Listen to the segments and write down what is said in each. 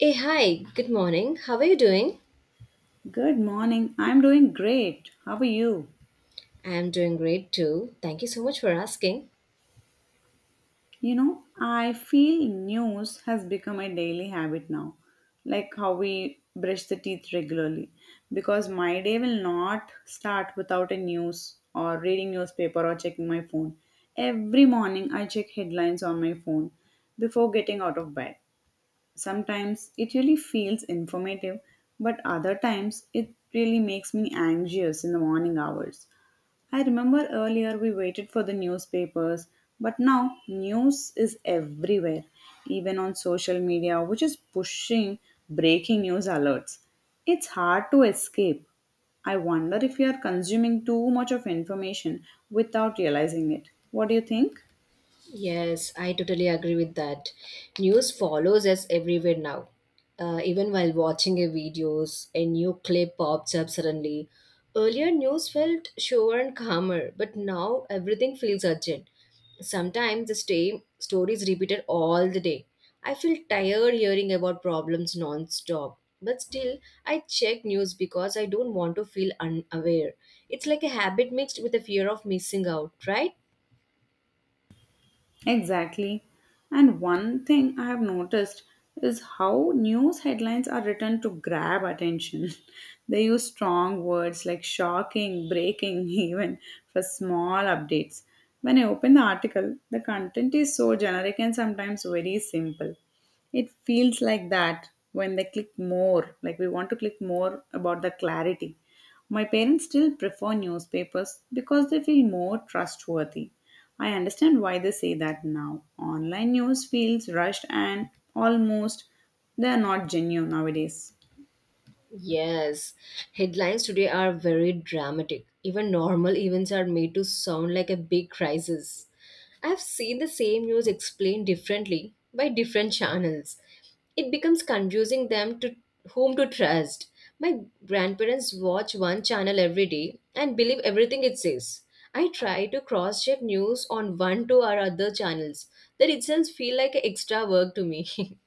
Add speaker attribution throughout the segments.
Speaker 1: Hey, hi, good morning. How are you doing?
Speaker 2: Good morning. I'm doing great. How are you?
Speaker 1: I am doing great too. Thank you so much for asking.
Speaker 2: You know, I feel news has become a daily habit now, like how we brush the teeth regularly. Because my day will not start without a news or reading newspaper or checking my phone. Every morning I check headlines on my phone before getting out of bed. Sometimes it really feels informative, but other times it really makes me anxious in the morning hours. I remember earlier we waited for the newspapers, but now news is everywhere, even on social media, which is pushing breaking news alerts. It's hard to escape. I wonder if we are consuming too much of information without realizing it. What do you think?
Speaker 1: Yes, I totally agree with that. News follows us everywhere now. Even while watching a videos, a new clip pops up suddenly. Earlier, news felt sure and calmer, but now everything feels urgent. Sometimes the same story is repeated all the day. I feel tired hearing about problems non-stop. But still, I check news because I don't want to feel unaware. It's like a habit mixed with a fear of missing out, right?
Speaker 2: Exactly. And one thing I have noticed is how news headlines are written to grab attention. they use strong words like shocking, breaking, even for small updates. When I open the article, the content is so generic and sometimes very simple. It feels like that when they click more, like we want to click more about the clarity. My parents still prefer newspapers because they feel more trustworthy. I understand why they say that now. Online news feels rushed and almost they are not genuine nowadays.
Speaker 1: Yes, headlines today are very dramatic. Even normal events are made to sound like a big crisis. I've seen the same news explained differently by different channels. It becomes confusing them to whom to trust. My grandparents watch one channel every day and believe everything it says. I try to cross check news on one to our other channels. That itself feel like extra work to me.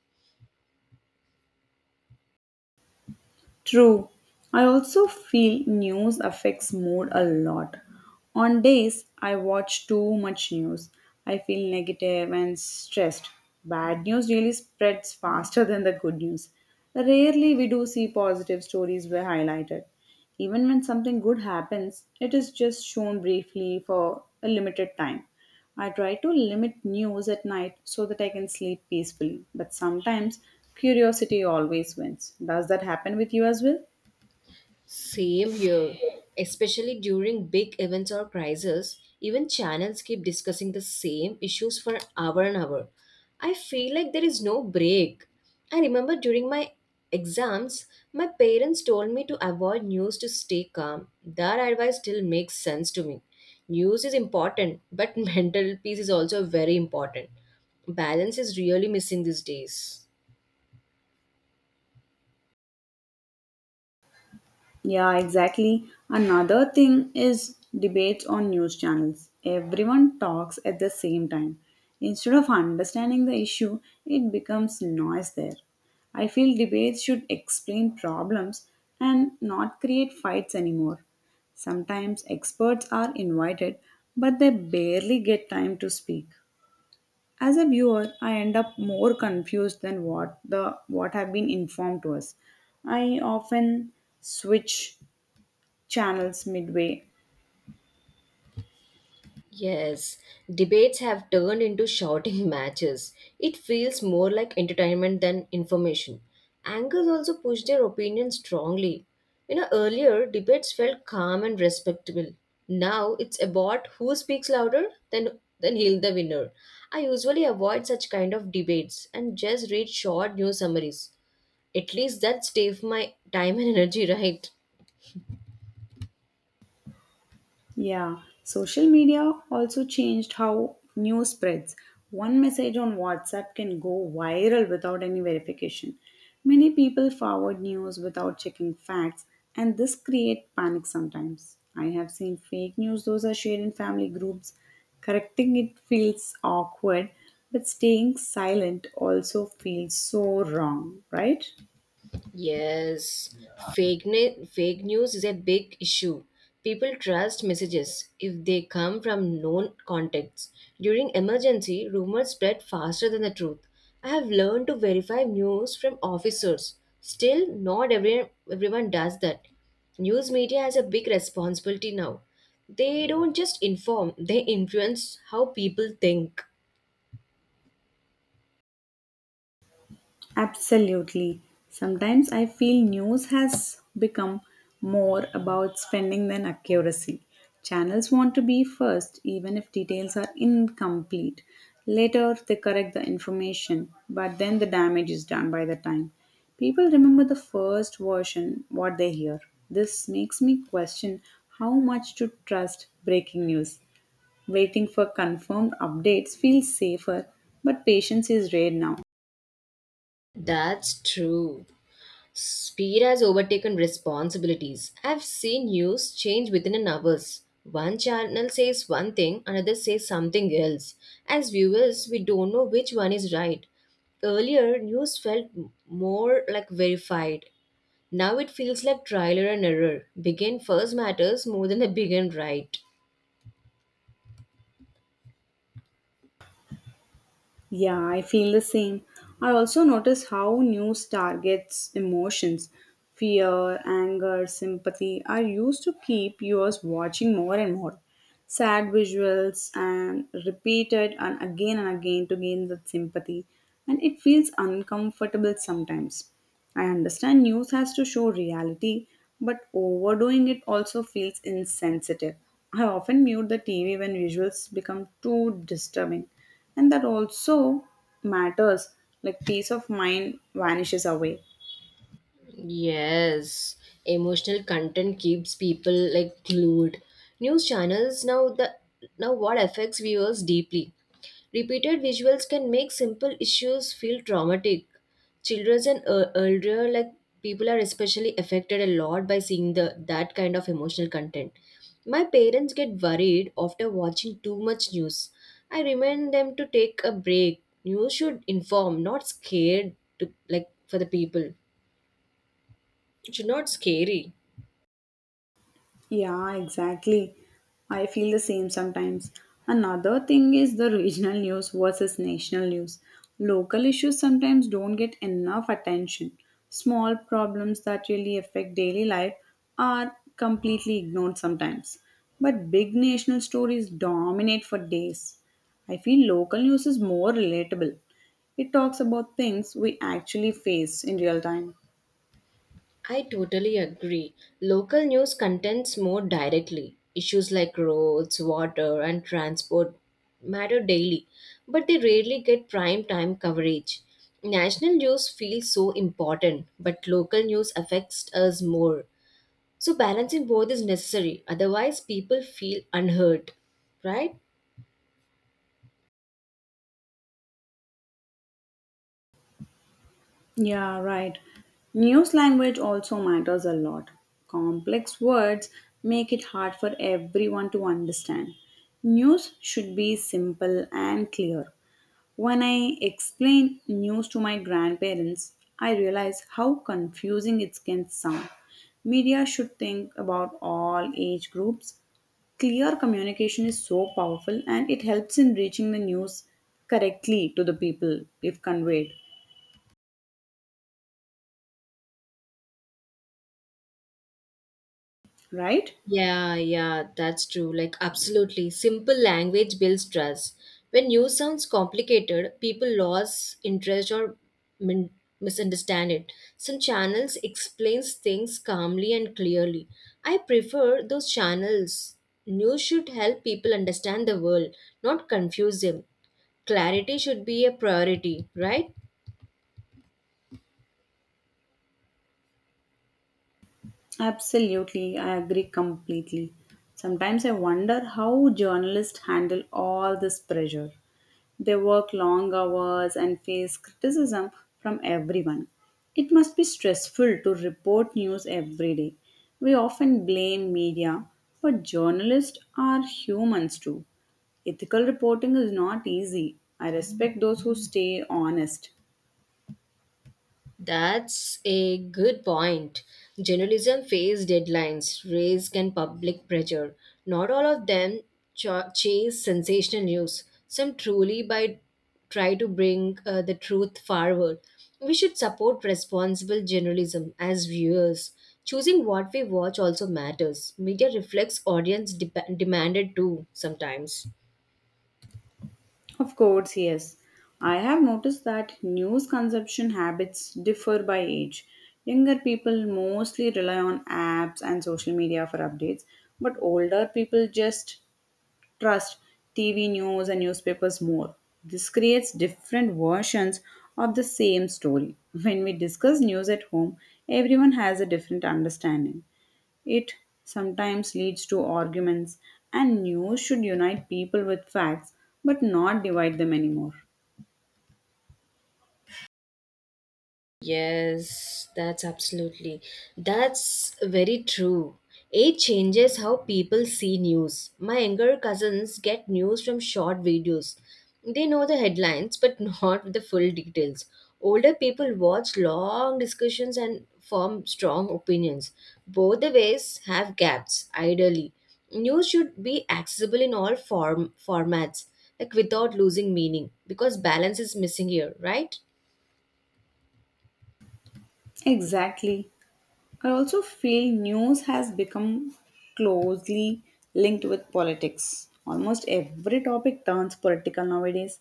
Speaker 2: True. I also feel news affects mood a lot. On days I watch too much news, I feel negative and stressed. Bad news really spreads faster than the good news. Rarely we do see positive stories were highlighted. Even when something good happens, it is just shown briefly for a limited time. I try to limit news at night so that I can sleep peacefully, but sometimes curiosity always wins. Does that happen with you as well?
Speaker 1: Same here. Especially during big events or crises, even channels keep discussing the same issues for hour and hour. I feel like there is no break. I remember during my exams, my parents told me to avoid news to stay calm. That advice still makes sense to me. News is important, but mental peace is also very important. Balance is really missing these days.
Speaker 2: Yeah, exactly. Another thing is debates on news channels. Everyone talks at the same time. Instead of understanding the issue, it becomes noise there. I feel debates should explain problems and not create fights anymore. Sometimes experts are invited, but they barely get time to speak. As a viewer, I end up more confused than what have been informed to us. I often switch channels midway.
Speaker 1: Yes, debates have turned into shouting matches. It feels more like entertainment than information. Anchors also push their opinions strongly. You know, earlier debates felt calm and respectable. Now it's about who speaks louder, then he'll the winner. I usually avoid such kind of debates and just read short news summaries. At least that saves my time and energy, right?
Speaker 2: Yeah, social media also changed how news spreads. One message on WhatsApp can go viral without any verification. Many people forward news without checking facts, and this creates panic sometimes. I have seen fake news, those are shared in family groups. Correcting it feels awkward, but staying silent also feels so wrong, right?
Speaker 1: Yes, fake news is a big issue. People trust messages if they come from known contacts. During emergency, rumors spread faster than the truth. I have learned to verify news from officers. Still, not every, everyone does that. News media has a big responsibility now. They don't just inform, they influence how people think.
Speaker 2: Absolutely. Sometimes I feel news has become more about spending than accuracy. Channels want to be first, even if details are incomplete. Later, they correct the information, but then the damage is done by the time. People remember the first version, what they hear. This makes me question how much to trust breaking news. Waiting for confirmed updates feels safer, but patience is rare now.
Speaker 1: That's true. Speed has overtaken responsibilities. I've seen news change within an hours. One channel says one thing, another says something else. As viewers, we don't know which one is right. Earlier, more like verified. Now it feels like trial and error. Begin first matters more than the begin right.
Speaker 2: Yeah, I feel the same. I also notice how news targets emotions. Fear, anger, sympathy are used to keep viewers watching more and more. Sad visuals and repeated and again to gain that sympathy and it feels uncomfortable sometimes. I understand news has to show reality, but overdoing it also feels insensitive. I often mute the TV when visuals become too disturbing, and that also matters like peace of mind vanishes away.
Speaker 1: Yes, emotional content keeps people like glued. News channels now the now what affects viewers deeply. Repeated visuals can make simple issues feel traumatic. Children and elder like people are especially affected a lot by seeing the that kind of emotional content. My parents get worried after watching too much news. I remind them to take a break. News should inform, not scared to like for the people. It's not scary.
Speaker 2: Yeah, exactly. I feel the same sometimes. Another thing is the regional news versus national news. Local issues sometimes don't get enough attention. Small problems that really affect daily life are completely ignored sometimes. But big national stories dominate for days. I feel local news is more relatable. It talks about things we actually face in real time.
Speaker 1: I totally agree. Local news contents more directly. Issues like roads, water, and transport matter daily, but they rarely get prime time coverage. National news feels so important, but local news affects us more. So, balancing both is necessary, otherwise, people feel unheard, right?
Speaker 2: Yeah, right. News language also matters a lot. Complex words make it hard for everyone to understand. News should be simple and clear. When I explain news to my grandparents, I realize how confusing it can sound. Media should think about all age groups. Clear communication is so powerful and it helps in reaching the news correctly to the people if conveyed, right?
Speaker 1: Yeah, yeah, that's true. Like, absolutely. Simple language builds trust. When news sounds complicated, people lose interest or min- misunderstand it. Some channels explains things calmly and clearly. I prefer those channels. News should help people understand the world, not confuse them. Clarity should be a priority, right?
Speaker 2: Absolutely, I agree completely. Sometimes I wonder how journalists handle all this pressure. They work long hours and face criticism from everyone. It must be stressful to report news every day. We often blame media, but journalists are humans too. Ethical reporting is not easy. I respect those who stay honest.
Speaker 1: That's a good point. Journalism face deadlines, risk, and public pressure. Not all of them ch- chase sensational news. Some truly by try to bring the truth forward. We should support responsible journalism as viewers. Choosing what we watch also matters. Media reflects demanded too sometimes.
Speaker 2: Of course, yes. I have noticed that news consumption habits differ by age. Younger people mostly rely on apps and social media for updates, but older people just trust TV news and newspapers more. This creates different versions of the same story. When we discuss news at home, everyone has a different understanding. It sometimes leads to arguments, and news should unite people with facts but not divide them anymore.
Speaker 1: Yes, that's absolutely. That's very true. Age changes how people see news. My younger cousins get news from short videos. They know the headlines but not the full details. Older people watch long discussions and form strong opinions. Both the ways have gaps, ideally. News should be accessible in all form formats, like without losing meaning, because balance is missing here, right?
Speaker 2: Exactly. I also feel news has become closely linked with politics. Almost every topic turns political nowadays.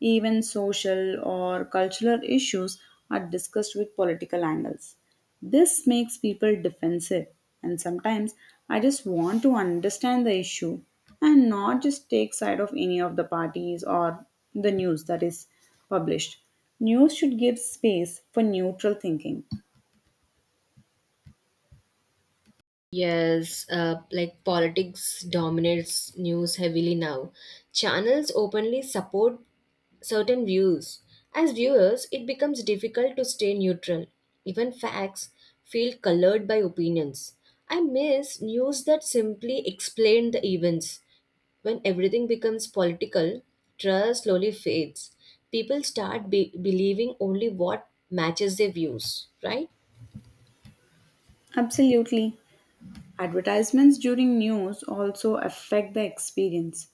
Speaker 2: Even social or cultural issues are discussed with political angles. This makes people defensive, and sometimes I just want to understand the issue and not just take side of any of the parties or the news that is published. News should give space for neutral thinking.
Speaker 1: Yes, like politics dominates news heavily now. Channels openly support certain views. As viewers, it becomes difficult to stay neutral. Even facts feel colored by opinions. I miss news that simply explain the events. When everything becomes political, trust slowly fades. People start believing only what matches their views, right?
Speaker 2: Absolutely. Advertisements during news also affect the experience.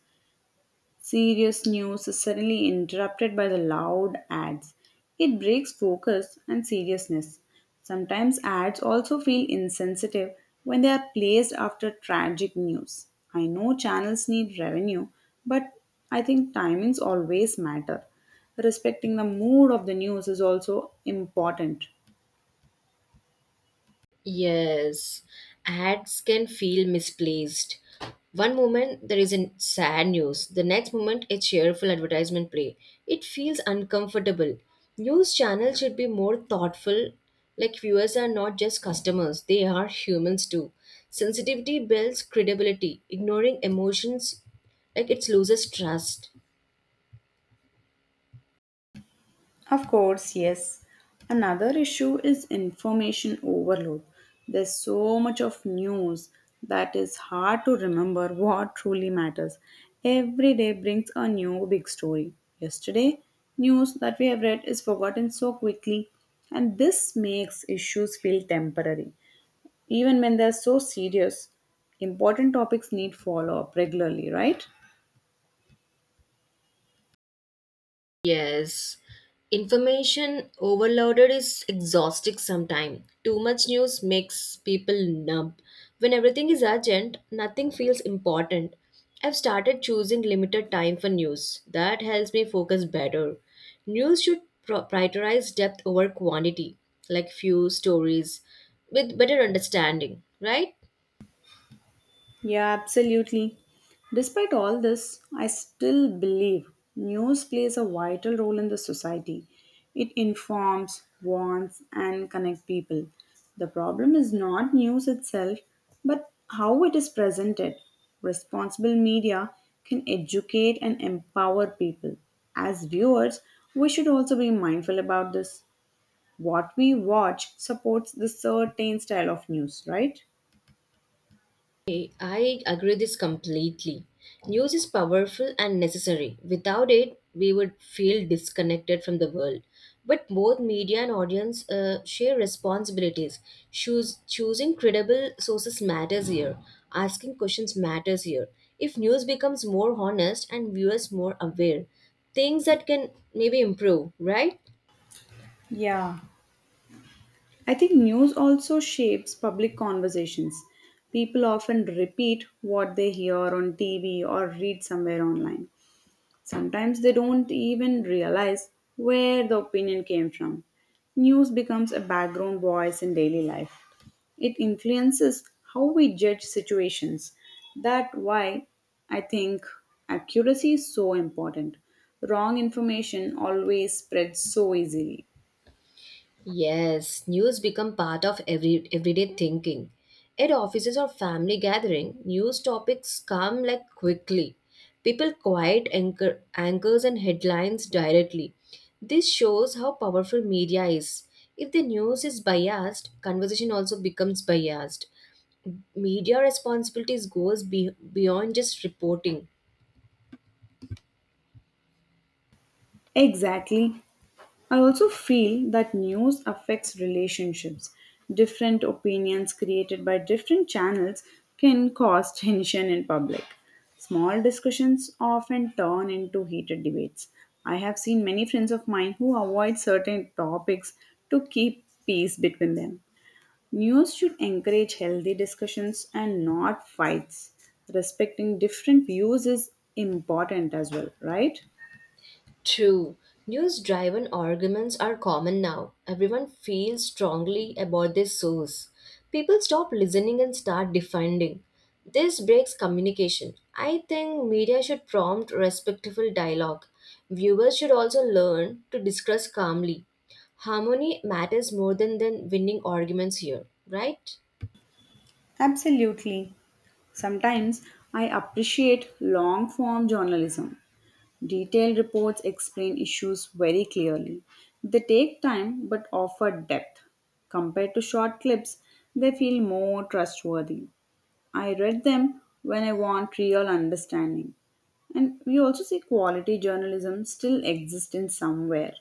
Speaker 2: Serious news is suddenly interrupted by the loud ads. It breaks focus and seriousness. Sometimes ads also feel insensitive when they are placed after tragic news. I know channels need revenue, but I think timings always matter. Respecting the mood of the news is also important.
Speaker 1: Yes, ads can feel misplaced. One moment there is a sad news, the next moment a cheerful advertisement play. It feels uncomfortable. News channels should be more thoughtful. Like viewers are not just customers, they are humans too. Sensitivity builds credibility. Ignoring emotions, like it loses trust.
Speaker 2: Of course, yes. Another issue is information overload. There's so much of news that is hard to remember what truly matters. Every day brings a new big story. Yesterday, news that we have read is forgotten so quickly, and this makes issues feel temporary. Even when they're so serious, important topics need follow up regularly, right?
Speaker 1: Yes. Information overloaded is exhausting sometimes. Too much news makes people numb. When everything is urgent, nothing feels important. I've started choosing limited time for news. That helps me focus better. News should prioritize depth over quantity, like few stories with better understanding, right?
Speaker 2: Yeah, absolutely. Despite all this, I still believe news plays a vital role in the society. It informs, warns, and connects people. The problem is not news itself, but how it is presented. Responsible media can educate and empower people. As viewers, we should also be mindful about this. What we watch supports the certain style of news, right?
Speaker 1: Hey, I agree this completely. News is powerful and necessary. Without it, we would feel disconnected from the world. But both media and audience share responsibilities. Choosing credible sources matters here. Asking questions matters here. If news becomes more honest and viewers more aware, things that can maybe improve, right?
Speaker 2: Yeah. I think news also shapes public conversations. People often repeat what they hear on TV or read somewhere online. Sometimes they don't even realize where the opinion came from. News becomes a background voice in daily life. It influences how we judge situations. That's why I think accuracy is so important. Wrong information always spreads so easily.
Speaker 1: Yes, news become part of everyday thinking. At offices or family gathering, news topics come like quickly. People anchors and headlines directly. This shows how powerful media is. If the news is biased, conversation also becomes biased. Media responsibilities beyond just reporting.
Speaker 2: Exactly. I also feel that news affects relationships. Different opinions created by different channels can cause tension in public. Small discussions often turn into heated debates. I have seen many friends of mine who avoid certain topics to keep peace between them. News should encourage healthy discussions and not fights. Respecting different views is important as well, right?
Speaker 1: True. News driven arguments are common now. Everyone feels strongly about their source. People stop listening and start defending. This breaks communication. I think media should prompt respectful dialogue. Viewers should also learn to discuss calmly. Harmony matters more than winning arguments here, right?
Speaker 2: Absolutely. Sometimes I appreciate long form journalism. Detailed reports explain issues very clearly. They take time but offer depth. Compared to short clips, they feel more trustworthy. I read them when I want real understanding. And we also see quality journalism still exists in somewhere,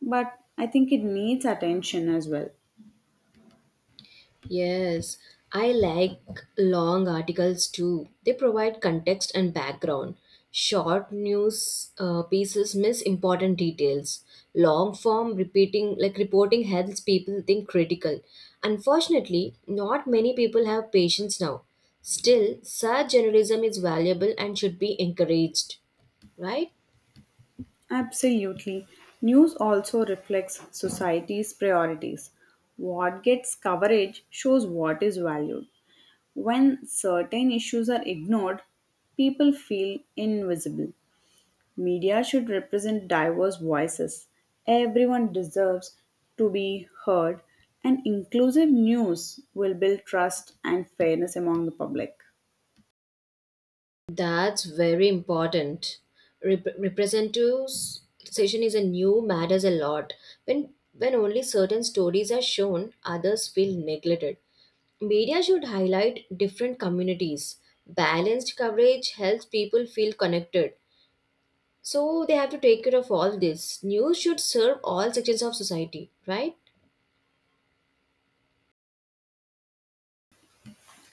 Speaker 2: but I think it needs attention as well.
Speaker 1: Yes, I like long articles too. They provide context and background. Short news pieces miss important details. Long form repeating like reporting helps people think critical. Unfortunately, not many people have patience now. Still, such journalism is valuable and should be encouraged, right?
Speaker 2: Absolutely. News also reflects society's priorities. What gets coverage shows what is valued. When certain issues are ignored, people feel invisible. Media should represent diverse voices. Everyone deserves to be heard, and inclusive news will build trust and fairness among the public.
Speaker 1: That's very important. Representative session is a new matters a lot. When only certain stories are shown, others feel neglected. Media should highlight different communities. Balanced coverage helps people feel connected. So they have to take care of all this. News should serve all sections of society, right?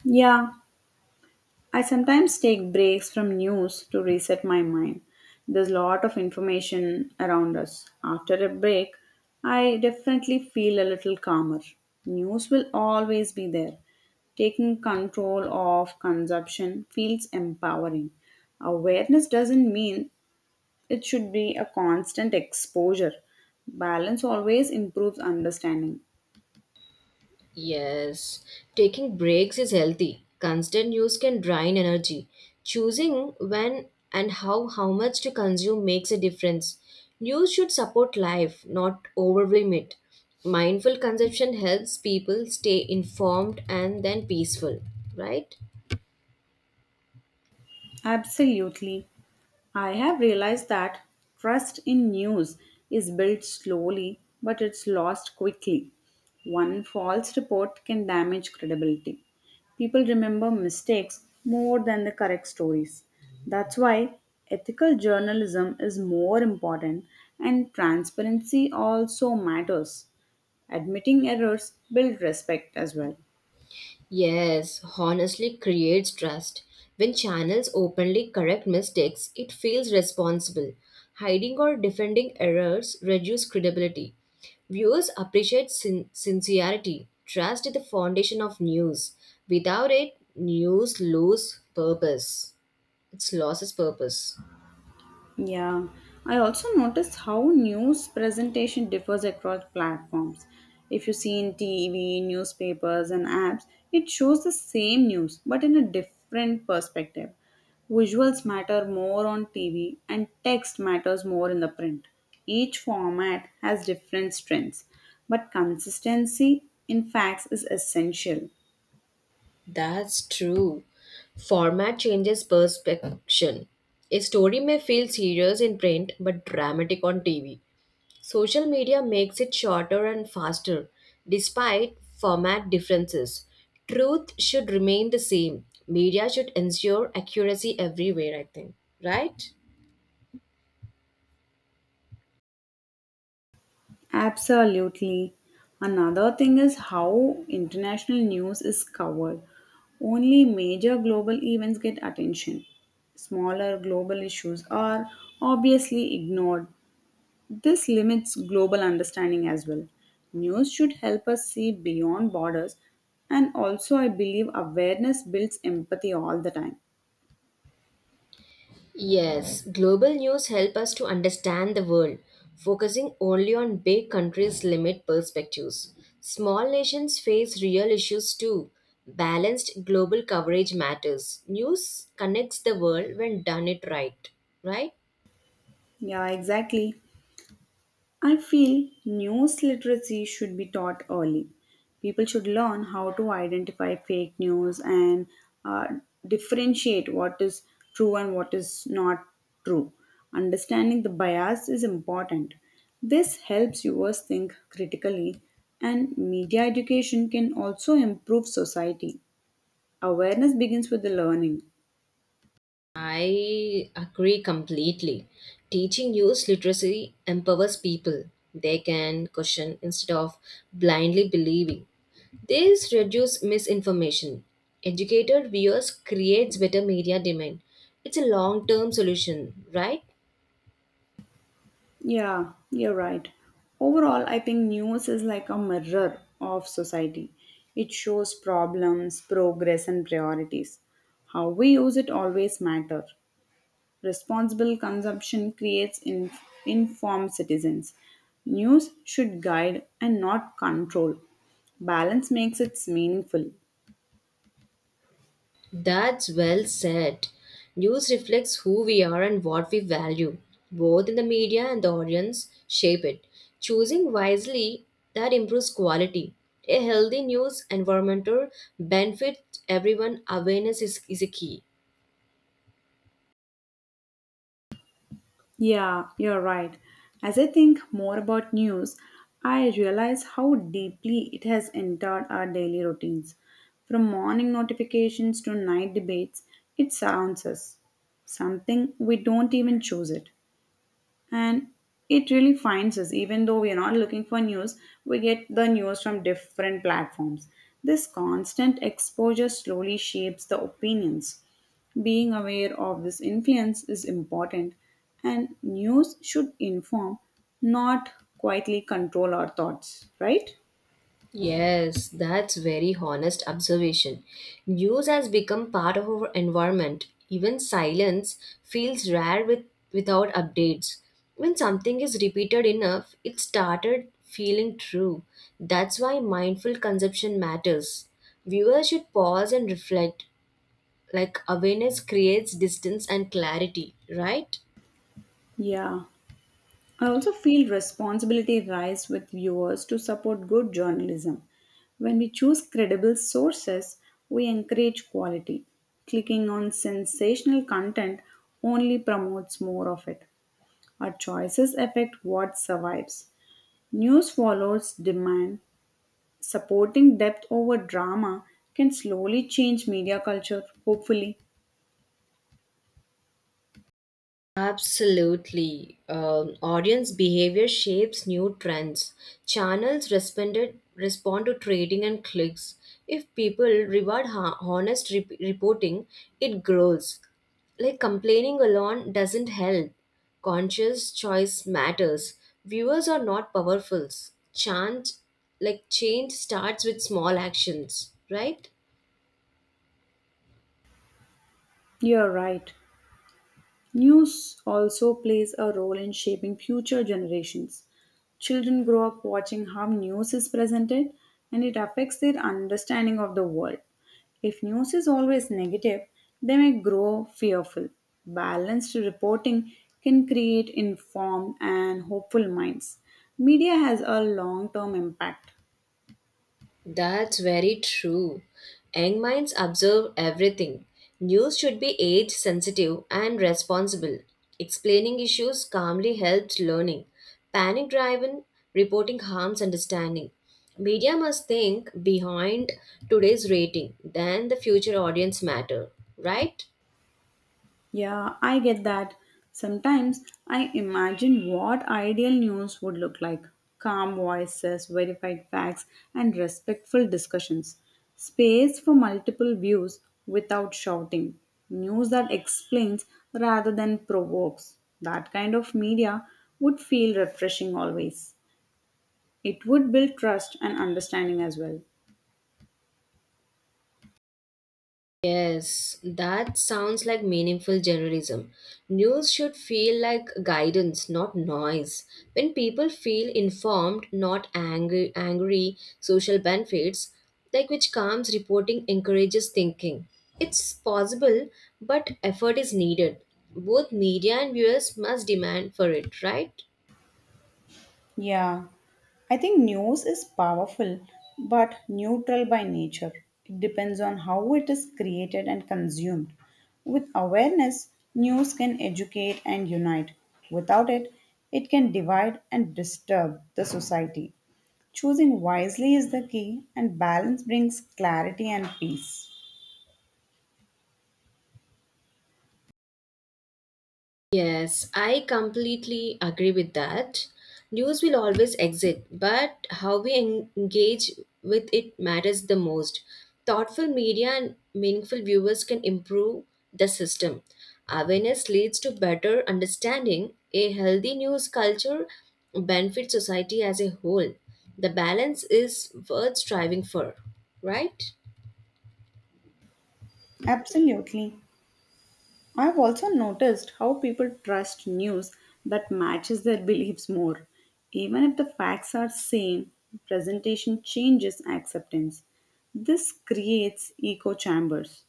Speaker 2: Yeah, I sometimes take breaks from news to reset my mind. There's a lot of information around us. After a break, I definitely feel a little calmer. News will always be there. Taking control of consumption feels empowering. Awareness doesn't mean it should be a constant exposure. Balance always improves understanding.
Speaker 1: Yes, taking breaks is healthy. Constant use can drain energy. Choosing when and how much to consume makes a difference. News should support life, not overwhelm it. Mindful consumption helps people stay informed and then peaceful, right?
Speaker 2: Absolutely. I have realized that trust in news is built slowly but it's lost quickly. One false report can damage credibility. People remember mistakes more than the correct stories. That's why ethical journalism is more important and transparency also matters. Admitting errors build respect as well.
Speaker 1: Yes, honestly creates trust. When channels openly correct mistakes, it feels responsible. Hiding or defending errors reduce credibility. Viewers appreciate sincerity. Trust is the foundation of news. Without it, news lose purpose. It loses purpose.
Speaker 2: Yeah, I also noticed how news presentation differs across platforms. If you see in TV, newspapers, and apps, it shows the same news but in a different perspective. Visuals matter more on TV and text matters more in the print. Each format has different strengths, but consistency in facts is essential.
Speaker 1: That's true. Format changes perception. A story may feel serious in print but dramatic on TV. Social media makes it shorter and faster, despite format differences. Truth should remain the same. Media should ensure accuracy everywhere, I think. Right?
Speaker 2: Absolutely. Another thing is how international news is covered. Only major global events get attention. Smaller global issues are obviously ignored. This limits global understanding as well. News should help us see beyond borders, and also, I believe awareness builds empathy all the time.
Speaker 1: Yes, global news help us to understand the world. Focusing only on big countries limit perspectives. Small nations face real issues too. Balanced global coverage matters. News connects the world when done it right, right?
Speaker 2: Yeah, exactly. I feel news literacy should be taught early. People should learn how to identify fake news and uh, differentiate what is true and what is not true. Understanding the bias is important. This helps viewers think critically, and media education can also improve society. Awareness begins with the learning.
Speaker 1: I agree completely. Teaching youth literacy empowers people. They can question instead of blindly believing. This reduces misinformation. Educated viewers creates better media demand. It's a long-term solution, right?
Speaker 2: Yeah, you're right. Overall, I think news is like a mirror of society. It shows problems, progress, and priorities. How we use it always matter. Responsible consumption creates informed citizens. News should guide and not control. Balance makes it meaningful.
Speaker 1: That's well said. News reflects who we are and what we value. Both in the media and the audience shape it. Choosing wisely that improves quality. A healthy news environmental benefits everyone. Awareness is a key.
Speaker 2: Yeah, you're right. As I think more about news, I realize how deeply it has entered our daily routines. From morning notifications to night debates, it surrounds us. Something we don't even choose it, and it really finds us. Even though we are not looking for news, we get the news from different platforms. This constant exposure slowly shapes the opinions. Being aware of this influence is important, and news should inform, not quietly control our thoughts, right?
Speaker 1: Yes, that's very honest observation. News has become part of our environment. Even silence feels rare without updates. When something is repeated enough, it started feeling true. That's why mindful consumption matters. Viewers should pause and reflect. Like awareness creates distance and clarity, right?
Speaker 2: Yeah, I also feel responsibility lies with viewers to support good journalism. When we choose credible sources, we encourage quality. Clicking on sensational content only promotes more of it. Our choices affect what survives. News follows demand. Supporting depth over drama can slowly change media culture, hopefully.
Speaker 1: Absolutely. Audience behavior shapes new trends. Respond to trading and clicks. If people reward honest reporting, it grows. Like complaining alone doesn't help. Conscious choice matters. Viewers are not powerfuls. Like change starts with small actions, right?
Speaker 2: You're right. News also plays a role in shaping future generations. Children grow up watching how news is presented and it affects their understanding of the world. If news is always negative, they may grow fearful. Balanced reporting can create informed and hopeful minds. Media has a long term impact.
Speaker 1: That's very true. Young minds observe everything. News should be age sensitive and responsible. Explaining issues calmly helps learning. Panic driven reporting harms understanding. Media must think behind today's rating, then the future audience matter, right?
Speaker 2: Yeah, I get that. Sometimes I imagine what ideal news would look like calm voices, verified facts, and respectful discussions. Space for multiple views without shouting. News that explains rather than provokes. That kind of media would feel refreshing always. It would build trust and understanding as well.
Speaker 1: Yes, that sounds like meaningful journalism. News should feel like guidance, not noise. When people feel informed, not angry, angry social benefits, like which calms reporting encourages thinking. It's possible, but effort is needed. Both media and viewers must demand for it, right?
Speaker 2: Yeah, I think news is powerful but neutral by nature. It depends on how it is created and consumed. With awareness, news can educate and unite. Without it, it can divide and disturb the society. Choosing wisely is the key, and balance brings clarity and peace.
Speaker 1: Yes, I completely agree with that. News will always exist, but how we engage with it matters the most. Thoughtful media and meaningful viewers can improve the system. Awareness leads to better understanding. A healthy news culture benefits society as a whole. The balance is worth striving for, right?
Speaker 2: Absolutely. I've also noticed how people trust news that matches their beliefs more. Even if the facts are same, presentation changes acceptance. This creates echo chambers.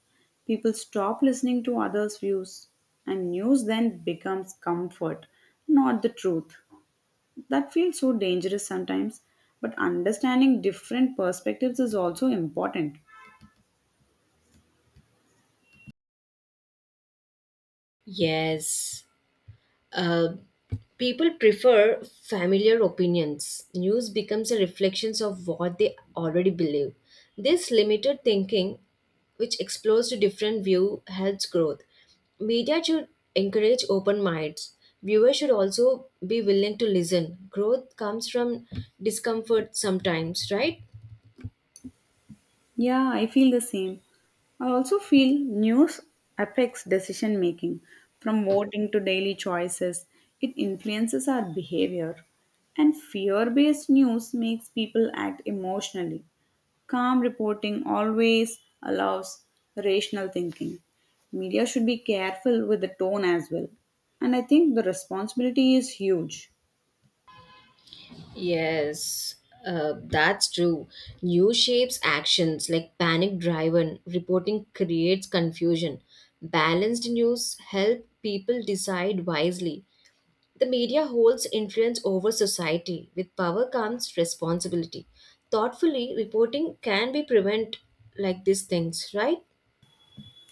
Speaker 2: People stop listening to others' views and news then becomes comfort, not the truth. That feels so dangerous sometimes, but understanding different perspectives is also important.
Speaker 1: Yes. Uh, People prefer familiar opinions. News becomes a reflection of what they already believe. This limited thinking, which explores to different view, helps growth. Media should encourage open minds. Viewers should also be willing to listen. Growth comes from discomfort sometimes, right?
Speaker 2: Yeah, I feel the same. I also feel news affects decision making, from voting to daily choices. It influences our behavior. And fear based news makes people act emotionally. Calm reporting always allows rational thinking. Media should be careful with the tone as well. And I think the responsibility is huge.
Speaker 1: Yes, that's true. New shapes actions like panic driven reporting creates confusion. Balanced news help people decide wisely. The media holds influence over society. With power comes responsibility. Thoughtfully reporting can be prevent like these things, right?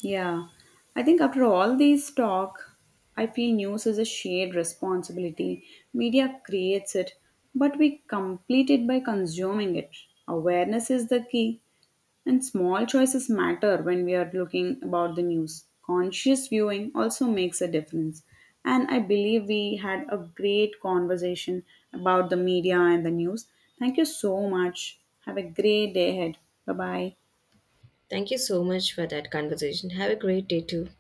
Speaker 2: Yeah, I think after all these talk, I feel news is a shared responsibility. Media creates it, but we complete it by consuming it. Awareness is the key, and small choices matter when we are looking about the news. Conscious viewing also makes a difference. And I believe we had a great conversation about the media and the news. Thank you so much. Have a great day ahead. Bye bye.
Speaker 1: Thank you so much for that conversation. Have a great day too.